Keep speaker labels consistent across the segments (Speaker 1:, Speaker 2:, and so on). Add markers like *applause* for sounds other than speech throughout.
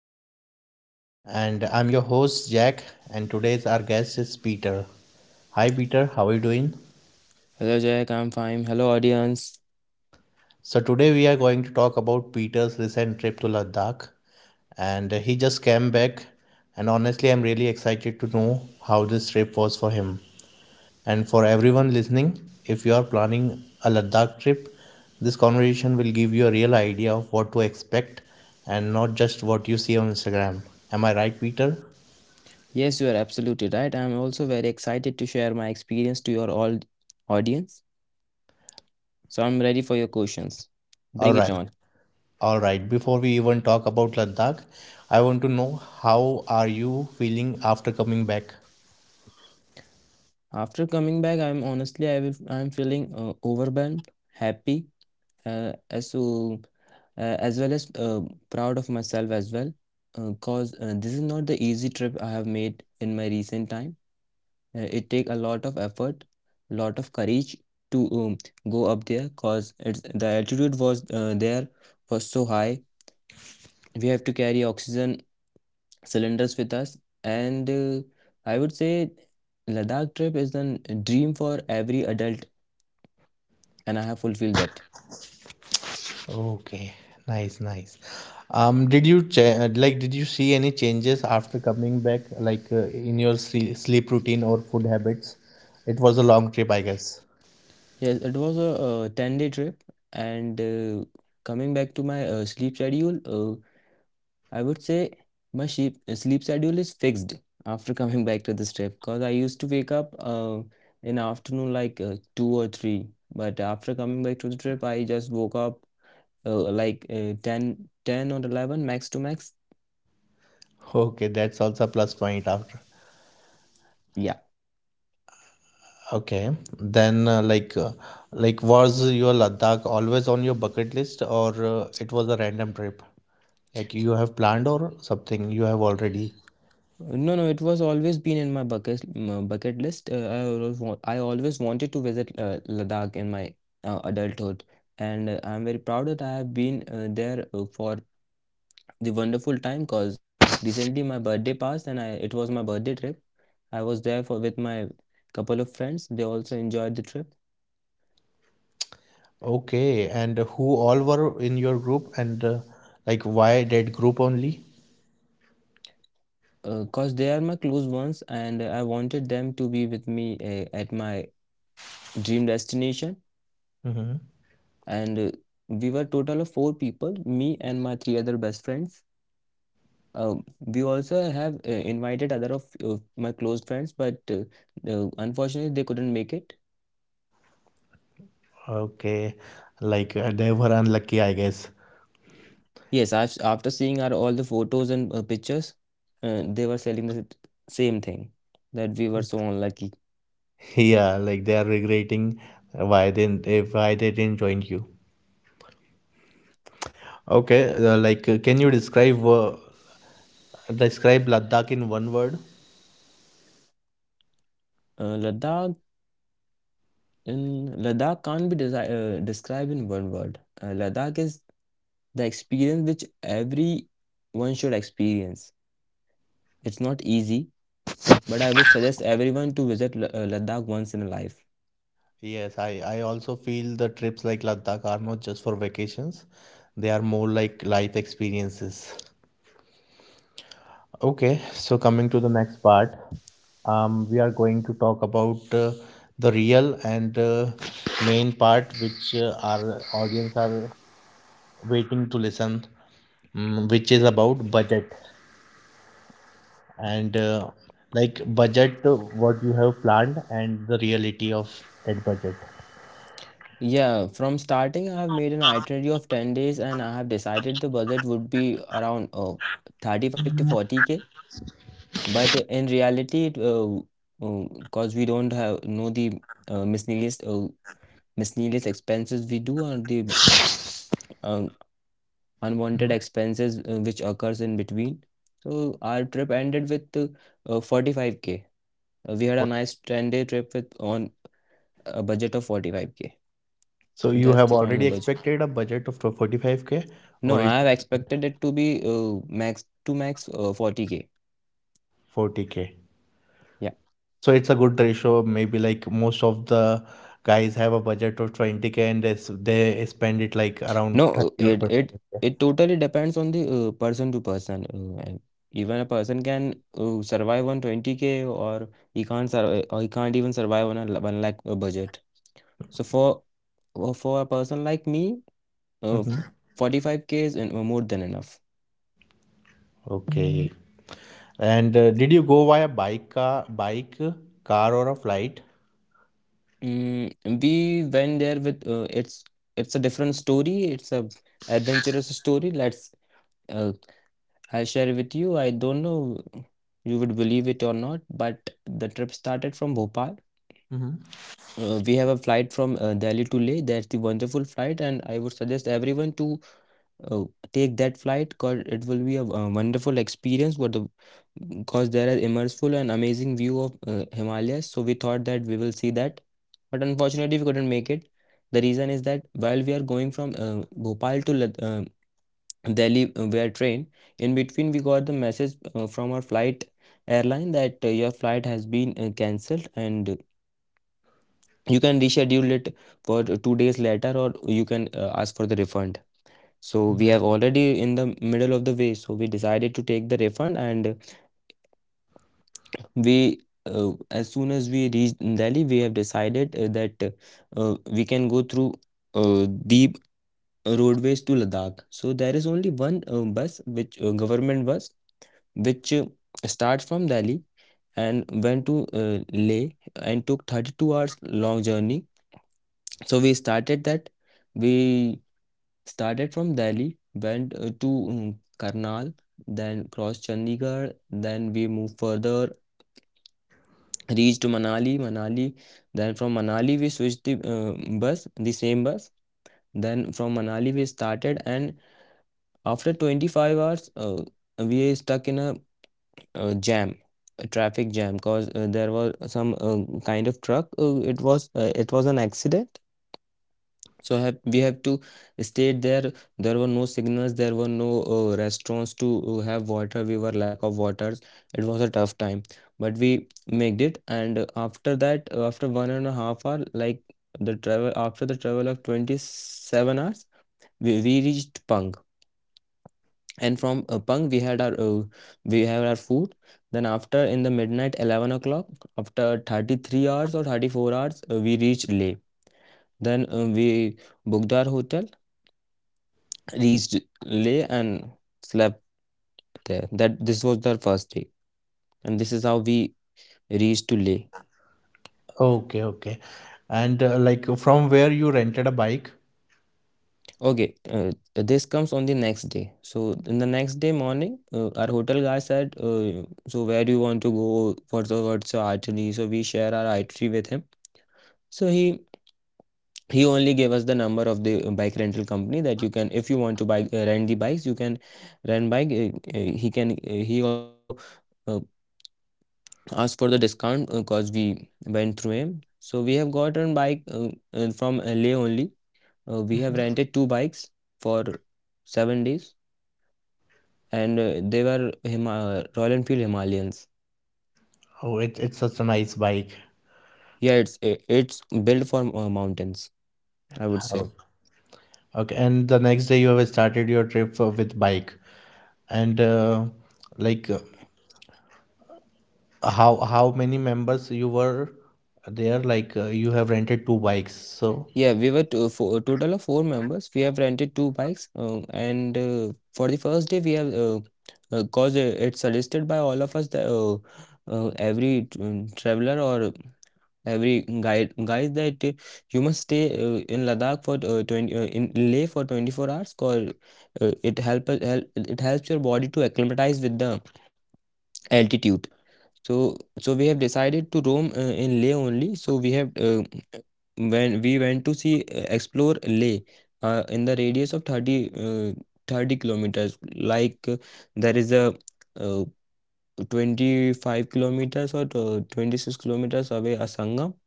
Speaker 1: podcast. And I'm your host, Jack. And today's our guest is Peter. Hi, Peter, how are you doing?
Speaker 2: Hello Jack, I'm fine. Hello audience.
Speaker 1: So, today we are going to talk about Peter's recent trip to Ladakh. And he just came back. And honestly, I'm really excited to know how this trip was for him. And for everyone listening, if you are planning a Ladakh trip, this conversation will give you a real idea of what to expect and not just what you see on Instagram. Am I right, Peter?
Speaker 2: Yes, you are absolutely right. I'm also very excited to share my experience to your all audience. So I'm ready for your questions. Bring
Speaker 1: All
Speaker 2: it
Speaker 1: right.
Speaker 2: on.
Speaker 1: All right. Before we even talk about Ladakh, I want to know how are you feeling after coming back?
Speaker 2: After coming back, I'm honestly, I'm feeling overwhelmed, happy, uh, as so as well as proud of myself as well, because this is not the easy trip I have made in my recent time. It take a lot of effort, lot of courage to go up there, cause it's the altitude was there was so high. We have to carry oxygen cylinders with us, and I would say Ladakh trip is a dream for every adult, and I have fulfilled that.
Speaker 1: Okay. Nice, nice. Like, did you see any changes after coming back, like in your sleep routine or food habits? It was a long trip, I guess.
Speaker 2: Yes, it was a 10-day trip. And coming back to my sleep schedule, I would say my sleep schedule is fixed after *laughs* coming back to this trip, because I used to wake up in afternoon, like 2 or 3. But after coming back to the trip, I just woke up like 10 ten or 11 max to max.
Speaker 1: Okay, that's also a plus point after.
Speaker 2: Yeah.
Speaker 1: Okay. Then like was your Ladakh always on your bucket list, or it was a random trip? Like you have planned or something you have already.
Speaker 2: No, no, it was always been in my bucket list. I I always wanted to visit Ladakh in my adulthood. And I'm very proud that I have been there for the wonderful time, because recently my birthday passed, and I it was my birthday trip. I was there for with my couple of friends. They also enjoyed the trip,
Speaker 1: Okay, and who all were in your group, and like, why that group only?
Speaker 2: because they are my close ones and I wanted them to be with me at my dream destination.
Speaker 1: Hmm.
Speaker 2: And we were total of four people, me and my three other best friends. Um we also have invited other of my close friends, but unfortunately they couldn't make it.
Speaker 1: Okay, like they were unlucky, I guess.
Speaker 2: Yes, I've after seeing our all the photos and pictures, they were selling the same thing, that we were so unlucky.
Speaker 1: *laughs* Yeah, like they are regretting why why they didn't join you. Okay, like can you describe Ladakh in one word?
Speaker 2: Uh, Ladakh in Ladakh can't be desi described in one word. Ladakh is the experience which every one should experience. It's not easy, but I would suggest everyone to visit Ladakh once in a life.
Speaker 1: Yes, I also feel the trips like Ladakh are not just for vacations; they are more like life experiences. Okay, so coming to the next part, we are going to talk about the real and main part, which our audience are waiting to listen, which is about budget and like budget, what you have planned, and the reality of that budget.
Speaker 2: Yeah, from starting, I have made an itinerary of 10 days, and I have decided the budget would be around 35 to 40K. But in reality, because we don't have know the uh, miscellaneous uh, miscellaneous expenses we do, or the um, unwanted expenses which occurs in between. So our trip ended with 45K. We had a nice 10-day trip with on a budget of 45K.
Speaker 1: So
Speaker 2: So
Speaker 1: you
Speaker 2: that's
Speaker 1: have
Speaker 2: the final
Speaker 1: already
Speaker 2: budget.
Speaker 1: expected a budget of 45k,
Speaker 2: No,
Speaker 1: or is
Speaker 2: I have expected it to be max to max 40K.
Speaker 1: 40k?
Speaker 2: Yeah.
Speaker 1: So it's a good ratio. Maybe like most of the guys have a budget of 20k, and they spend it like around
Speaker 2: No,
Speaker 1: 30 or
Speaker 2: it it
Speaker 1: 40k.
Speaker 2: it totally depends on the person to person. And even a person can survive on 20K, or he can't survive, or he can't even survive on one lakh budget. So for a person like me, uh,
Speaker 1: Hmm.
Speaker 2: 45K is more than enough.
Speaker 1: Okay. And did you go via bike, car, or a flight?
Speaker 2: Mm, we went there with it's a different story. It's a adventurous story. Let's uh, I'll share with you. I don't know you would believe it or not, but the trip started from Bhopal.
Speaker 1: Hmm.
Speaker 2: We have a flight from Delhi to Leh. That's the wonderful flight, and I would suggest everyone to uh, take that flight, because it will be a wonderful experience. What the Because there is immersive and amazing view of Himalayas. So we thought that we will see that, but unfortunately we couldn't make it. The reason is that while we are going from Bhopal to Delhi via train, in between we got the message from our flight airline that your flight has been cancelled, and you can reschedule it for 2 days later, or you can ask for the refund. So we have already in the middle of the way, so we decided to take the refund. And we as soon as we reached Delhi, we have decided that we can go through uh, the roadways to Ladakh. So there is only one bus, which government bus which starts from Delhi and went to uh, Leh, and took 32 hours long journey. So we started that we started from Delhi, went to Karnal, then crossed Chandigarh, then we moved further, reached Manali. Then from Manali we switched the bus, the same bus. Then from Manali we started, and after 25 hours, we stuck in a jam. A traffic jam, because there was some kind of truck. It was an accident. So we have to stay there. There were no signals, there were no restaurants to have water. We were lack of waters, it was a tough time. But we made it. And after that, after 1.5 hour, like the travel after the travel of 27 hours, we reached Pang. And from Pang we have our food. Then after in the midnight 11 o'clock, after 33 hours or 34 hours, we reached Leh. Then we booked our hotel, reached Leh and slept there. That This was their first day, and this is how we reached to Leh.
Speaker 1: Okay, okay. And like, from where you rented a bike?
Speaker 2: Okay, this comes on the next day. So in the next day morning, our hotel guy said, "So where do you want to go? What's your itinerary?" So we share our itinerary with him. So he only gave us the number of the bike rental company, that you can, if you want to buy rent the bikes, you can rent bike he also uh, asked for the discount, because we went through him. So we have gotten bike from LA only. We have rented two bikes for 7 days, and they were Royal Enfield Himalayans.
Speaker 1: Oh, it's such a nice bike.
Speaker 2: Yeah, it's built for mountains, I would
Speaker 1: Oh.
Speaker 2: say.
Speaker 1: Okay, and the next day you have started your trip with bike, and like how many members you were there, like you have rented two bikes, so
Speaker 2: Yeah, we were a total of four members. We have rented two bikes, and for the first day, we have cause it's suggested by all of us that every traveler or every guide guys that you must stay in Ladakh for 20, in Leh for 24 hours, cause it helps your body to acclimatize with the altitude. So we have decided to roam in Leh only. So we have When we went to see explore Leh in the radius of 30 kilometers, like there is a uh, 25 kilometers or 26 kilometers away a sangam,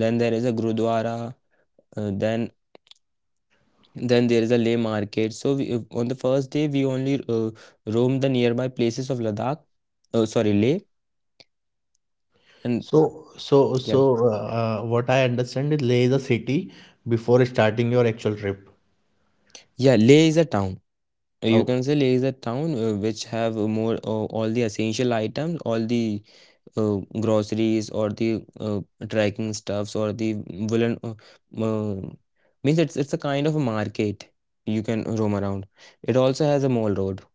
Speaker 2: then there is a Gurudwara. Uh, then then there is a lay market. So on the first day we only roamed the nearby places of Ladakh. Sorry, Leh. And
Speaker 1: so
Speaker 2: yeah,
Speaker 1: what I understand is Leh is a city before starting your actual trip.
Speaker 2: yeah. Leh is a town. You
Speaker 1: Oh,
Speaker 2: can say Leh is a town which have more all the essential items, all the groceries, or the trekking stuffs, or the woolen. Uh, Means it's a kind of a market you can roam around. It also has a mall road.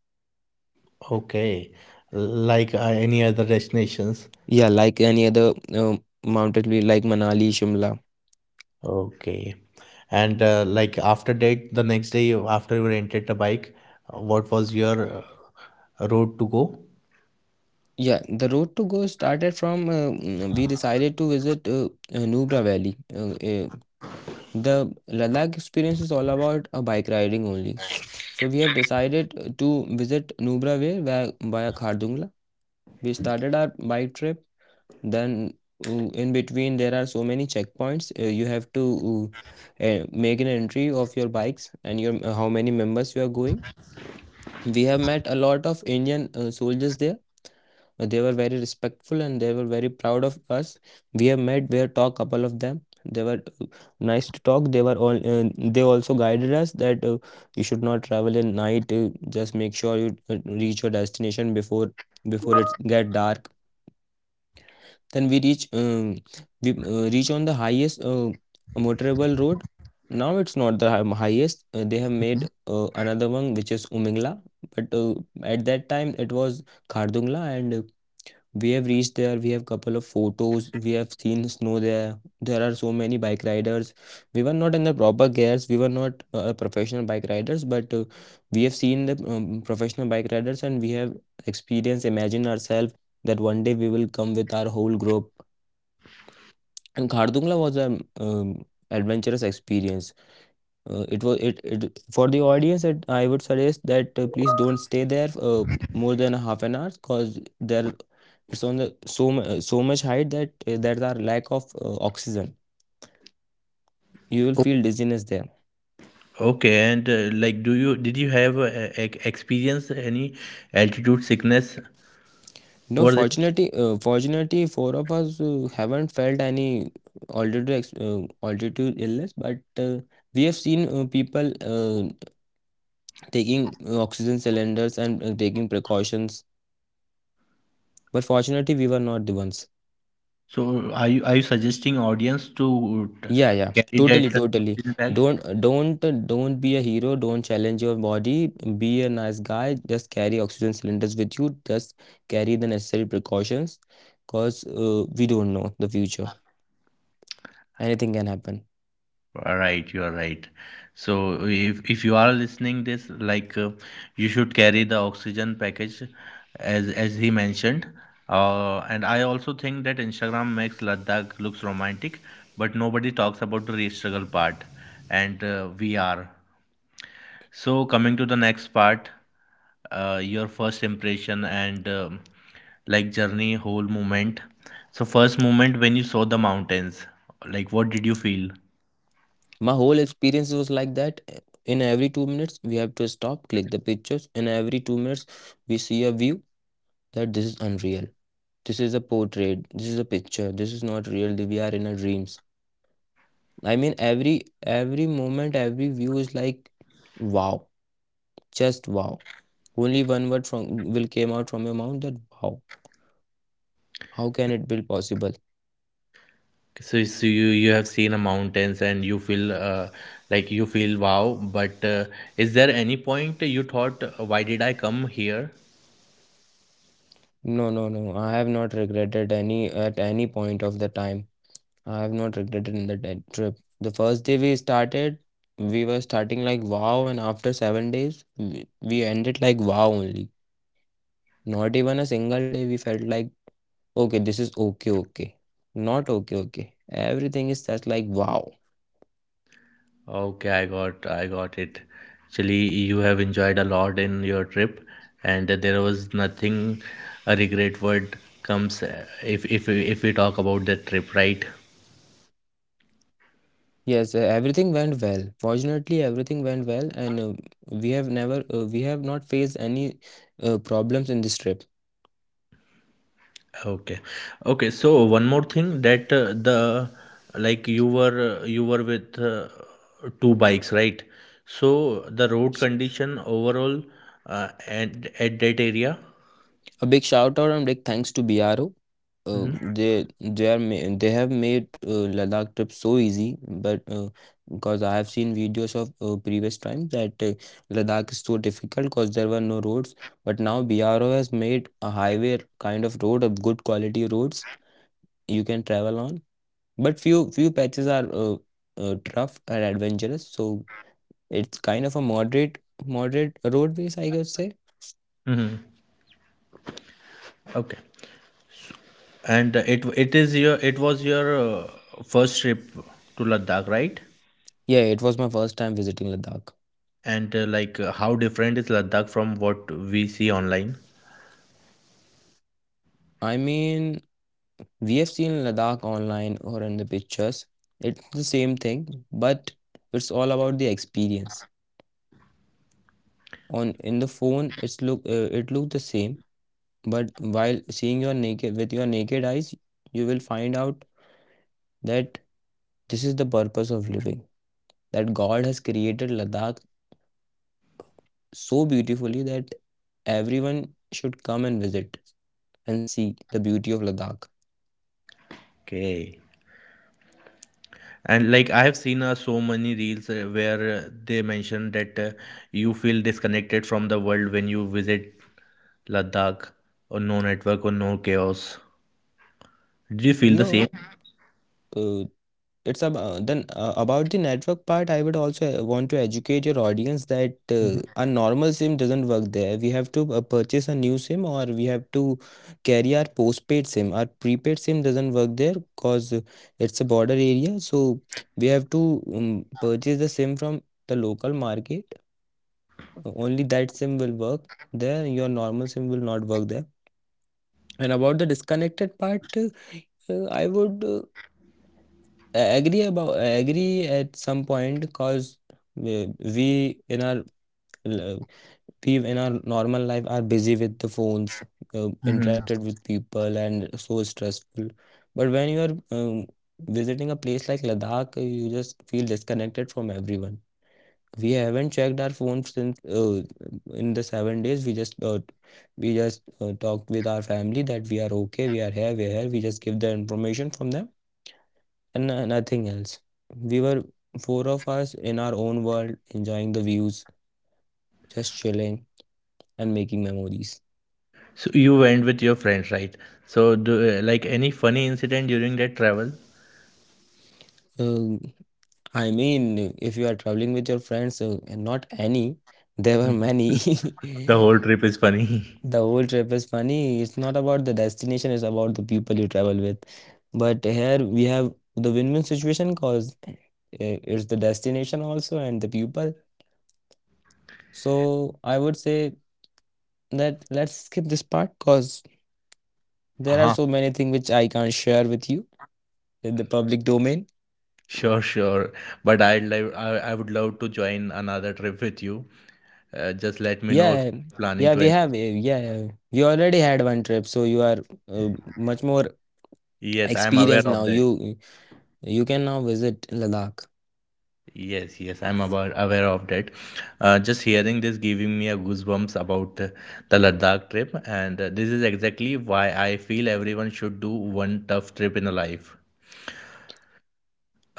Speaker 1: okay, like any other destinations?
Speaker 2: Yeah, like any other mountain view, like Manali, Shimla.
Speaker 1: Okay, and like after that, the next day after you rented a bike, what was your road to go?
Speaker 2: Yeah, the road to go started from we decided to visit Nubra Valley. The Ladakh experience is all about bike riding only. So we have decided to visit Nubra Valley via Khardungla. We started our bike trip. Then in between there are so many checkpoints. You have to make an entry of your bikes and your how many members you are going. We have met a lot of Indian soldiers there. They were very respectful and they were very proud of us. We have talked couple of them. They were nice to talk. They were all They also guided us that you should not travel in night. Just make sure you reach your destination before it get dark. Then we reach on the highest motorable road. Now it's not the highest. They have made another one which is Umingla, but at that time it was Khardungla. And we have reached there. We have couple of photos. We have seen snow there. There are so many bike riders. We were not in the proper gears. We were not professional bike riders, but we have seen the professional bike riders, and we have experienced. Imagine ourselves that one day we will come with our whole group, and Khardungla was an adventurous experience. It for the audience. I would suggest that please don't stay there more than a half an hour, because there it's on the so much height that there are lack of oxygen. You will
Speaker 1: O-
Speaker 2: feel dizziness there.
Speaker 1: Okay, and like, do you did you have experience any altitude sickness
Speaker 2: No,
Speaker 1: over there?
Speaker 2: fortunately, four of us haven't felt any altitude illness, but we have seen people taking oxygen cylinders and taking precautions. But fortunately, we were not the ones.
Speaker 1: So are you suggesting audience to
Speaker 2: Yeah, yeah,
Speaker 1: carry
Speaker 2: totally,
Speaker 1: that
Speaker 2: totally.
Speaker 1: oxygen bag?
Speaker 2: Don't, don't, don't be a hero. Don't challenge your body. Be a nice guy. Just carry oxygen cylinders with you. Just carry the necessary precautions, cause we don't know the future. Anything can happen.
Speaker 1: All right, you are right. So if you are listening this, like you should carry the oxygen package, as he mentioned. And I also think that Instagram makes Ladakh looks romantic, but nobody talks about the real struggle part, and we are. So, coming to the next part, your first impression and like journey, whole moment. So, first moment when you saw the mountains, like what did you feel?
Speaker 2: My whole experience was like that. In every 2 minutes, we have to stop, click the pictures. In every 2 minutes, we see a view that this is unreal. This is a portrait. This is a picture. This is not real. We are in a dream. I mean, every moment, every view is like, wow, just wow. Only one word from will came out from your mouth that wow. How can it be possible?
Speaker 1: So, you have seen a mountains, and you feel like you feel wow. But is there any point you thought, why did I come here?
Speaker 2: No, no, no. I have not regretted any at any point of the time. I have not regretted in the trip. The first day we started, we were starting like wow, and after 7 days, we ended like wow only. Not even a single day we felt like okay, this is okay, okay. Not okay, okay. Everything is just like wow.
Speaker 1: Okay, I got it. Actually, you have enjoyed a lot in your trip, and there was nothing, a regret word comes if we talk about the trip, right?
Speaker 2: Yes, everything went well. Fortunately, everything went well, and we have not faced any problems in this trip.
Speaker 1: Okay, okay. So one more thing, that the like you were with two bikes, right? So the road condition overall, at that area.
Speaker 2: A big shout out and big thanks to BRO. Uh,
Speaker 1: Mm-hmm.
Speaker 2: they they are ma- they have made Ladakh trip so easy, but because I have seen videos of previous times that Ladakh is so difficult because there were no roads. But now BRO has made a highway kind of road, a good quality roads you can travel on. But few patches are rough and adventurous, so it's kind of a moderate roadways, I could say.
Speaker 1: Mm-hmm. Okay. And it was your first trip to Ladakh, right?
Speaker 2: Yeah, it was my first time visiting Ladakh.
Speaker 1: And like how different is Ladakh from what we see online?
Speaker 2: I mean, we have seen Ladakh online or in the pictures. It's the same thing, but it's all about the experience. On in the phone, it looked the same, but while seeing your naked with your naked eyes, you will find out that this is the purpose of living. That God has created Ladakh so beautifully that everyone should come and visit and see the beauty of Ladakh.
Speaker 1: Okay. And like I have seen so many reels where they mention that you feel disconnected from the world when you visit Ladakh, or no network or no chaos. Did you feel the same?
Speaker 2: No, uh, it's about the network part. I would also want to educate your audience that a normal SIM doesn't work there. We have to purchase a new SIM, or we have to carry our postpaid SIM. Our prepaid SIM doesn't work there because it's a border area. So we have to purchase the SIM from the local market. Only that sim will work there. Your normal sim will not work there. And about the disconnected part, I would agree at some point, because we, we in our l- we in our normal life are busy with the phones,
Speaker 1: Hmm.
Speaker 2: interacted with people and so stressful. But when you are visiting a place like Ladakh, you just feel disconnected from everyone. We haven't checked our phones since in the 7 days. We just talked with our family that we are okay, we are here, we are here. We just give the information from them, and nothing else. We were four of us in our own world, enjoying the views, just chilling and making memories.
Speaker 1: So you went with your friends, right? So do, like, any funny incident during that travel? *laughs*
Speaker 2: Uh, I mean, if you are traveling with your friends, and not any, *laughs* there were
Speaker 1: Mhm.
Speaker 2: many.
Speaker 1: The whole
Speaker 2: *laughs*
Speaker 1: trip is funny. *laughs*
Speaker 2: The whole trip is funny. It's not about the destination, it's about the people you travel with. But here we have the win-win situation because it's the destination also and the people. So I would say that let's skip this part because there are
Speaker 1: Uh-huh.
Speaker 2: so many things which I can't share with you in the public domain.
Speaker 1: Sure, sure. But I would love to join another trip with you. Just let me know if
Speaker 2: Yeah,
Speaker 1: you're planning
Speaker 2: yeah,
Speaker 1: to
Speaker 2: we
Speaker 1: any.
Speaker 2: have. Yeah, you already had one trip, so you are uh, much more
Speaker 1: Yes, I'm
Speaker 2: experienced
Speaker 1: aware
Speaker 2: now.
Speaker 1: of that.
Speaker 2: You can now visit Ladakh.
Speaker 1: Yes, yes, I'm about aware of that. Just hearing this giving me a goosebumps about the Ladakh trip, and this is exactly why I feel everyone should do one tough trip in a life.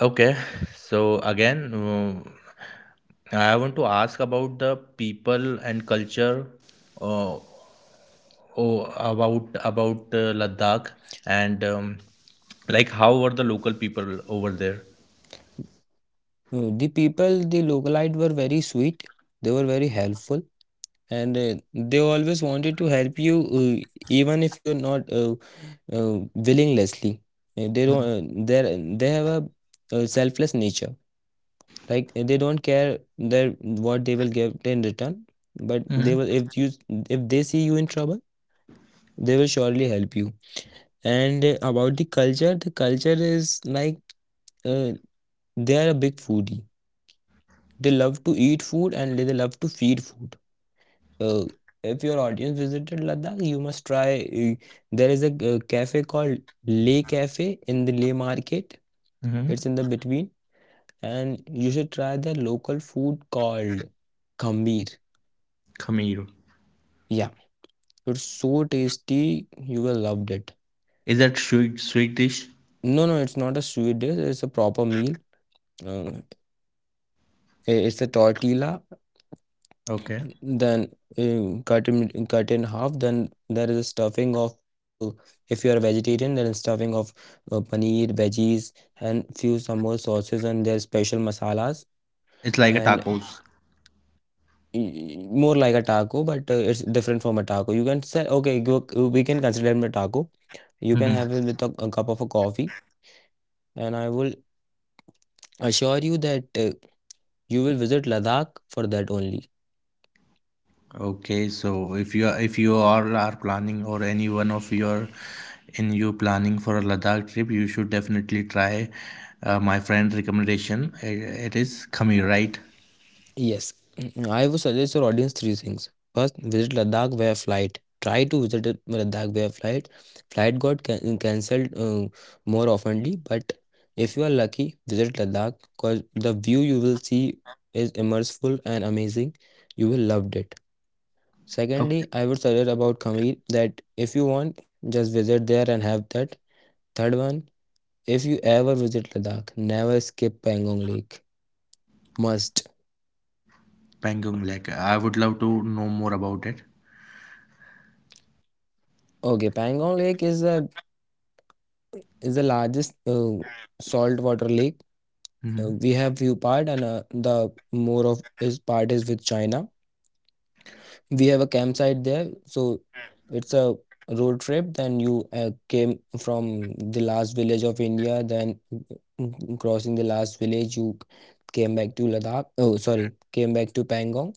Speaker 1: Okay, so again, I want to ask about the people and culture. Uh, Oh, about Ladakh and like how were the local people over there?
Speaker 2: The people, the localite were very sweet. They were very helpful, and they always wanted to help you, even if you are not willingly. They don't. They have a selfless nature. Like they don't care their what they will give in return, but they will
Speaker 1: Mm-hmm.
Speaker 2: if they see you in trouble, they will surely help you. And about the culture is like uh, they are a big foodie. They love to eat food and they love to feed food. Uh, if your audience visited Ladakh, you must try. There is a cafe called Leh Cafe in the Leh market. It's
Speaker 1: Mm-hmm.
Speaker 2: in the between, and you should try their local food called Khambir.
Speaker 1: Kheer.
Speaker 2: Yeah, it's so tasty. You will love it.
Speaker 1: Is that sweet dish?
Speaker 2: No, no, it's not a sweet dish. It's a proper meal. Uh, it's a tortilla,
Speaker 1: Okay.
Speaker 2: then cut in half, then there is a stuffing of if you are vegetarian, there is stuffing of paneer veggies and few some more sauces and their special masalas.
Speaker 1: It's like a
Speaker 2: And
Speaker 1: tacos.
Speaker 2: y- more like a taco, but it's different from a taco, you can say okay go, we can consider it a taco. You can have it
Speaker 1: Hmm.
Speaker 2: with a cup of a coffee. And I will assure you that you will visit Ladakh for that only.
Speaker 1: Okay, so if you are, if you all are planning, or any one of your, in you planning for a Ladakh trip, you should definitely try my friend recommendation. It is Kheer, right?
Speaker 2: Yes, *clears throat* I would suggest your audience three things. First, visit Ladakh via flight. Try to visit Ladakh via flight. Flight got cancelled more oftenly, but if you are lucky, visit Ladakh because the view you will see is immersive and amazing. You will loved it. Secondly,
Speaker 1: Okay.
Speaker 2: I would suggest about Kashmir that if you want, just visit there and have that. Third one, if you ever visit Ladakh, never skip Pangong Lake. Must.
Speaker 1: Pangong Lake. I would love to know more about it.
Speaker 2: Okay, Pangong Lake is a is the largest saltwater lake.
Speaker 1: Mm-hmm.
Speaker 2: We have few part, and the more of is part is with China. We have a campsite there, so it's a road trip. Then you came from the last village of India. Then, crossing the last village, you came back to Ladakh. Oh, sorry, came back to Pangong.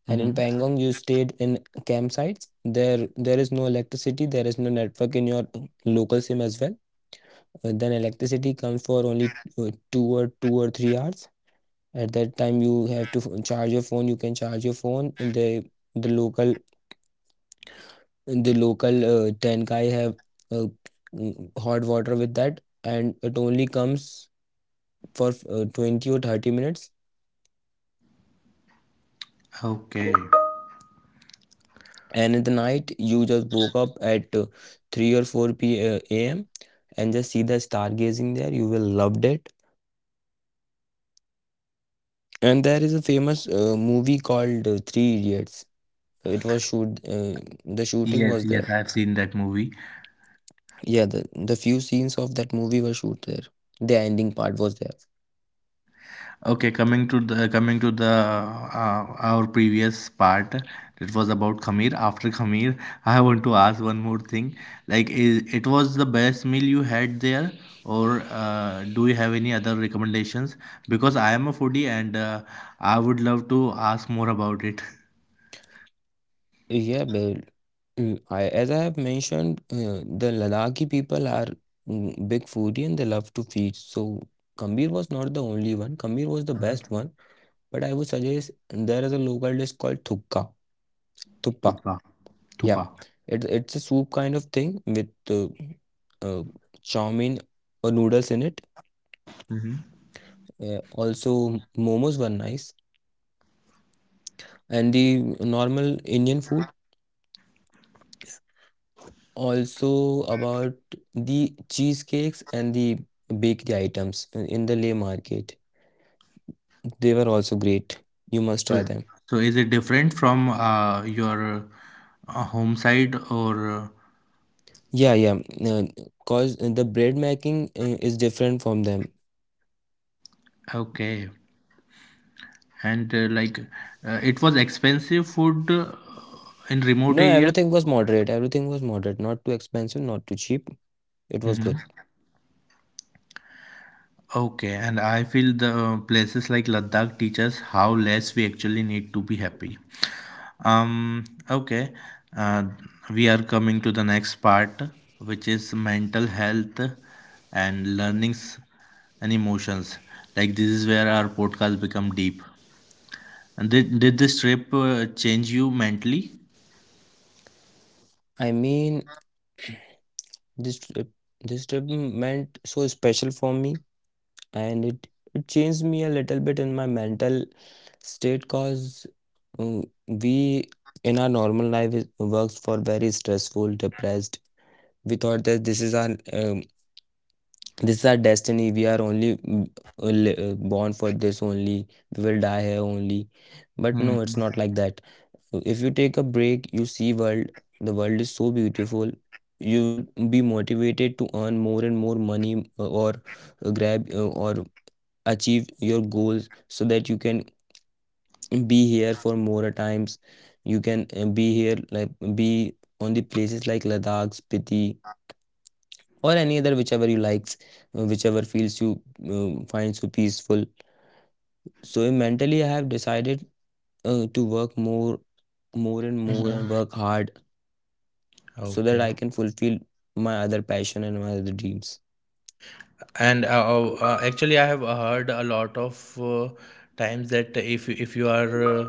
Speaker 2: And in
Speaker 1: Mm-hmm.
Speaker 2: Pangong, you stayed in campsites. There is no electricity. There is no network in your local SIM as well. But then electricity comes for only 2 or 2 or 3 hours. At that time you have to charge your phone. You can charge your phone. The the local the local 10 guy have uh, hot water with that, and it only comes for 20 or 30 minutes.
Speaker 1: Okay.
Speaker 2: And in the night, you just woke up at 3 or 4 p a.m. and just see the stargazing there. You will loved it. And there is a famous movie called three idiots. It was shoot. The shooting was
Speaker 1: Yes,
Speaker 2: there.
Speaker 1: yes, I have seen that movie.
Speaker 2: Yeah, the few scenes of that movie were shoot there. The ending part was there.
Speaker 1: Okay, coming to the uh, our previous part. It was about Khamir. After Khamir, I want to ask one more thing. Like, is it was the best meal you had there, or do you have any other recommendations? Because I am a foodie, and I would love to ask more about it.
Speaker 2: Yeah, but I, as I have mentioned, the Ladakhi people are big foodie and they love to feast. So Kambir was not the only one. Kambir was the best one, but I would suggest there is a local dish called thukka, thuppa.
Speaker 1: Thupa.
Speaker 2: Yeah,
Speaker 1: Thupa.
Speaker 2: it's a soup kind of thing with uh, chow mein or noodles in it.
Speaker 1: Hmm.
Speaker 2: Yeah, also momos were nice and the normal Indian food. Also about the cheesecakes and the bakery items in the Leh market. They were also great. You must try them.
Speaker 1: So, is it different from your home side, or? uh,
Speaker 2: Yeah, yeah. Cause the bread making is different from them.
Speaker 1: Okay. And like it was expensive food in
Speaker 2: No,
Speaker 1: remote area?
Speaker 2: everything was moderate. Everything was moderate. Not too expensive, not too cheap. It was good.
Speaker 1: Hmm. Okay, and I feel the places like Ladakh teach us how less we actually need to be happy. Um okay uh, we are coming to the next part, which is mental health and learnings and emotions. Like, this is where our podcast become deep. And did this trip change you mentally?
Speaker 2: I mean, this trip, this trip meant so special for me, and it changed me a little bit in my mental state, because we in our normal life works for very stressful depressed. We thought that this is our destiny. We are only born for this only. We will die here only. But no,
Speaker 1: Hmm.
Speaker 2: it's not like that. So, if you take a break, you see world. The world is so beautiful. You will be motivated to earn more and more money, or grab or achieve your goals so that you can be here for more times. You can be here, like, be on the places like Ladakh, Spiti, or any other whichever you likes, whichever feels you find so peaceful. So mentally, I have decided to work more and more and
Speaker 1: Hmm.
Speaker 2: work hard so that I
Speaker 1: Okay.
Speaker 2: can fulfill my other passion and my other dreams.
Speaker 1: And actually, I have heard a lot of times that if you are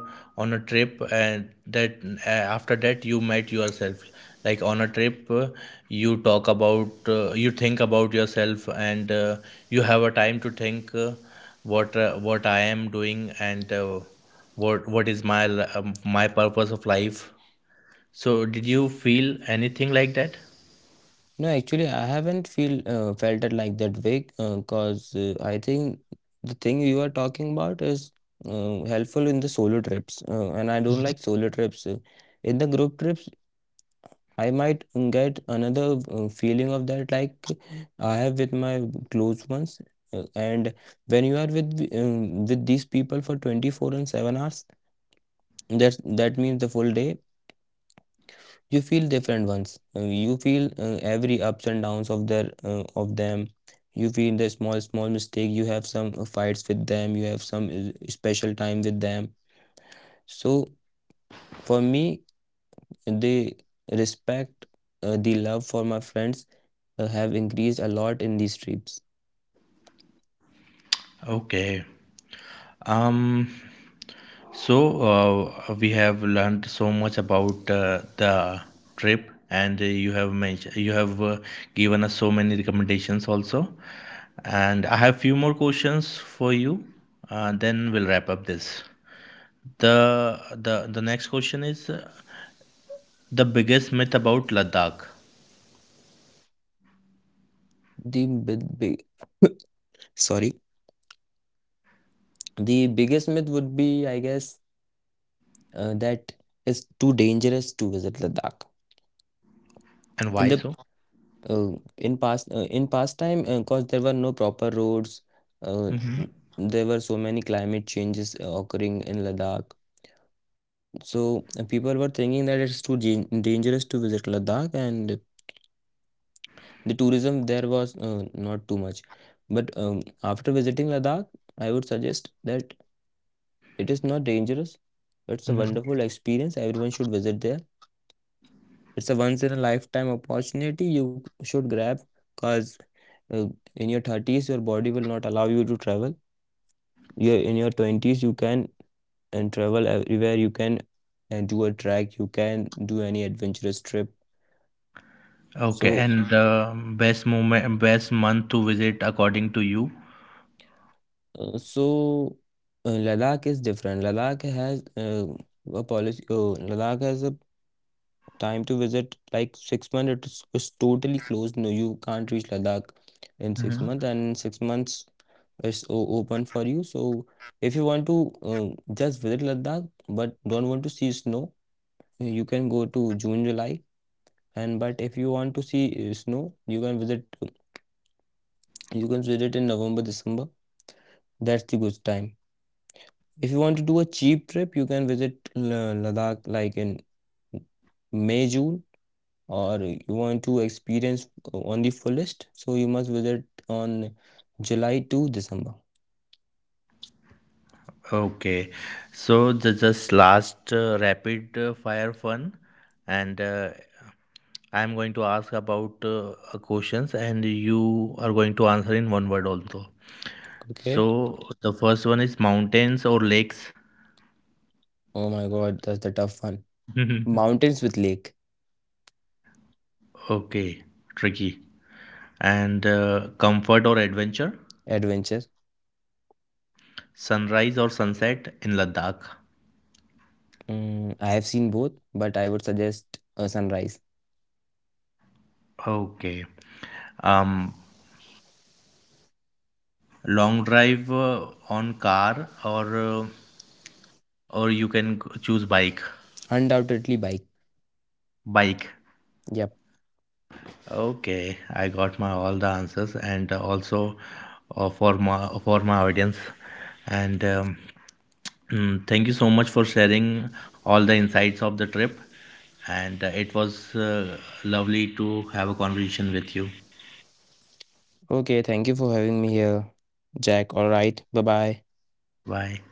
Speaker 1: on a trip, and that after that you met yourself, like on a trip, you think about yourself, and you have a time to think what I am doing, and what is my my purpose of life. So did you feel anything like that?
Speaker 2: No, actually, I haven't feel felt it like that way, cause I think the thing you are talking about is helpful in the solo trips, and I don't like solo trips. In the group trips, I might get another feeling of that, like, I have with my close ones. And when you are with these people for 24 and 7 hours, that means the full day. You feel different ones. You feel every ups and downs of their of them. You feel the small mistake. You have some fights with them. You have some special time with them. So for me, the respect the love for my friends have increased a lot in these trips.
Speaker 1: Okay. um So we have learned so much about the trip, and you have given us so many recommendations also, and I have few more questions for you. Then we'll wrap up this. The next question is the biggest myth about Ladakh.
Speaker 2: the big, big sorry the biggest myth would be, I guess, that it's too dangerous to visit Ladakh.
Speaker 1: And
Speaker 2: in the
Speaker 1: why so?
Speaker 2: uh, in past time, because there were no proper roads, uh, n-
Speaker 1: Hmm.
Speaker 2: there were so many climate changes occurring in Ladakh. So people were thinking that it's too dangerous to visit Ladakh, and the tourism there was not too much. But after visiting Ladakh, I would suggest that it is not dangerous. It's a wonderful
Speaker 1: Hmm.
Speaker 2: experience. Everyone should visit there. It's a once in a lifetime opportunity you should grab, because uh, in your 30s your body will not allow you to travel. You In your 20s you can. And travel everywhere you can, and do a trek. You can do any adventurous trip.
Speaker 1: Okay,
Speaker 2: so
Speaker 1: and the best moment, best month to visit according to you?
Speaker 2: uh, so uh, Ladakh is different. Ladakh has a policy. Oh, Ladakh has a time to visit, like, 6 months it's totally closed. No, you can't reach Ladakh in 6 months, and in 6 months is open for you. So if you want to just visit Ladakh but don't want to see snow, you can go to June, July. And but if you want to see snow, you can visit in November, December. That's the good time. If you want to do a cheap trip, you can visit Ladakh, like, in May, June, or you want to experience on the fullest, so you must visit on July to December.
Speaker 1: Okay, so the just last rapid fire fun, and I'm going to ask about questions, and you are going to answer in one word also.
Speaker 2: Okay.
Speaker 1: So the first one is mountains or lakes. *laughs*
Speaker 2: Oh my God, that's the tough one. Mountains with lake
Speaker 1: Okay, tricky. And comfort or adventure,
Speaker 2: adventure.
Speaker 1: sunrise or sunset in Ladakh?
Speaker 2: Mm, I have seen both, but I would suggest a sunrise.
Speaker 1: Okay. Um, long drive on car, or you can choose bike.
Speaker 2: Undoubtedly, bike.
Speaker 1: Bike.
Speaker 2: Yep.
Speaker 1: Okay, I got my all the answers, and also for my audience, and thank you so much for sharing all the insights of the trip, and it was lovely to have a conversation with you.
Speaker 2: Okay, thank you for having me here, Jack. All right. Bye bye.
Speaker 1: Bye.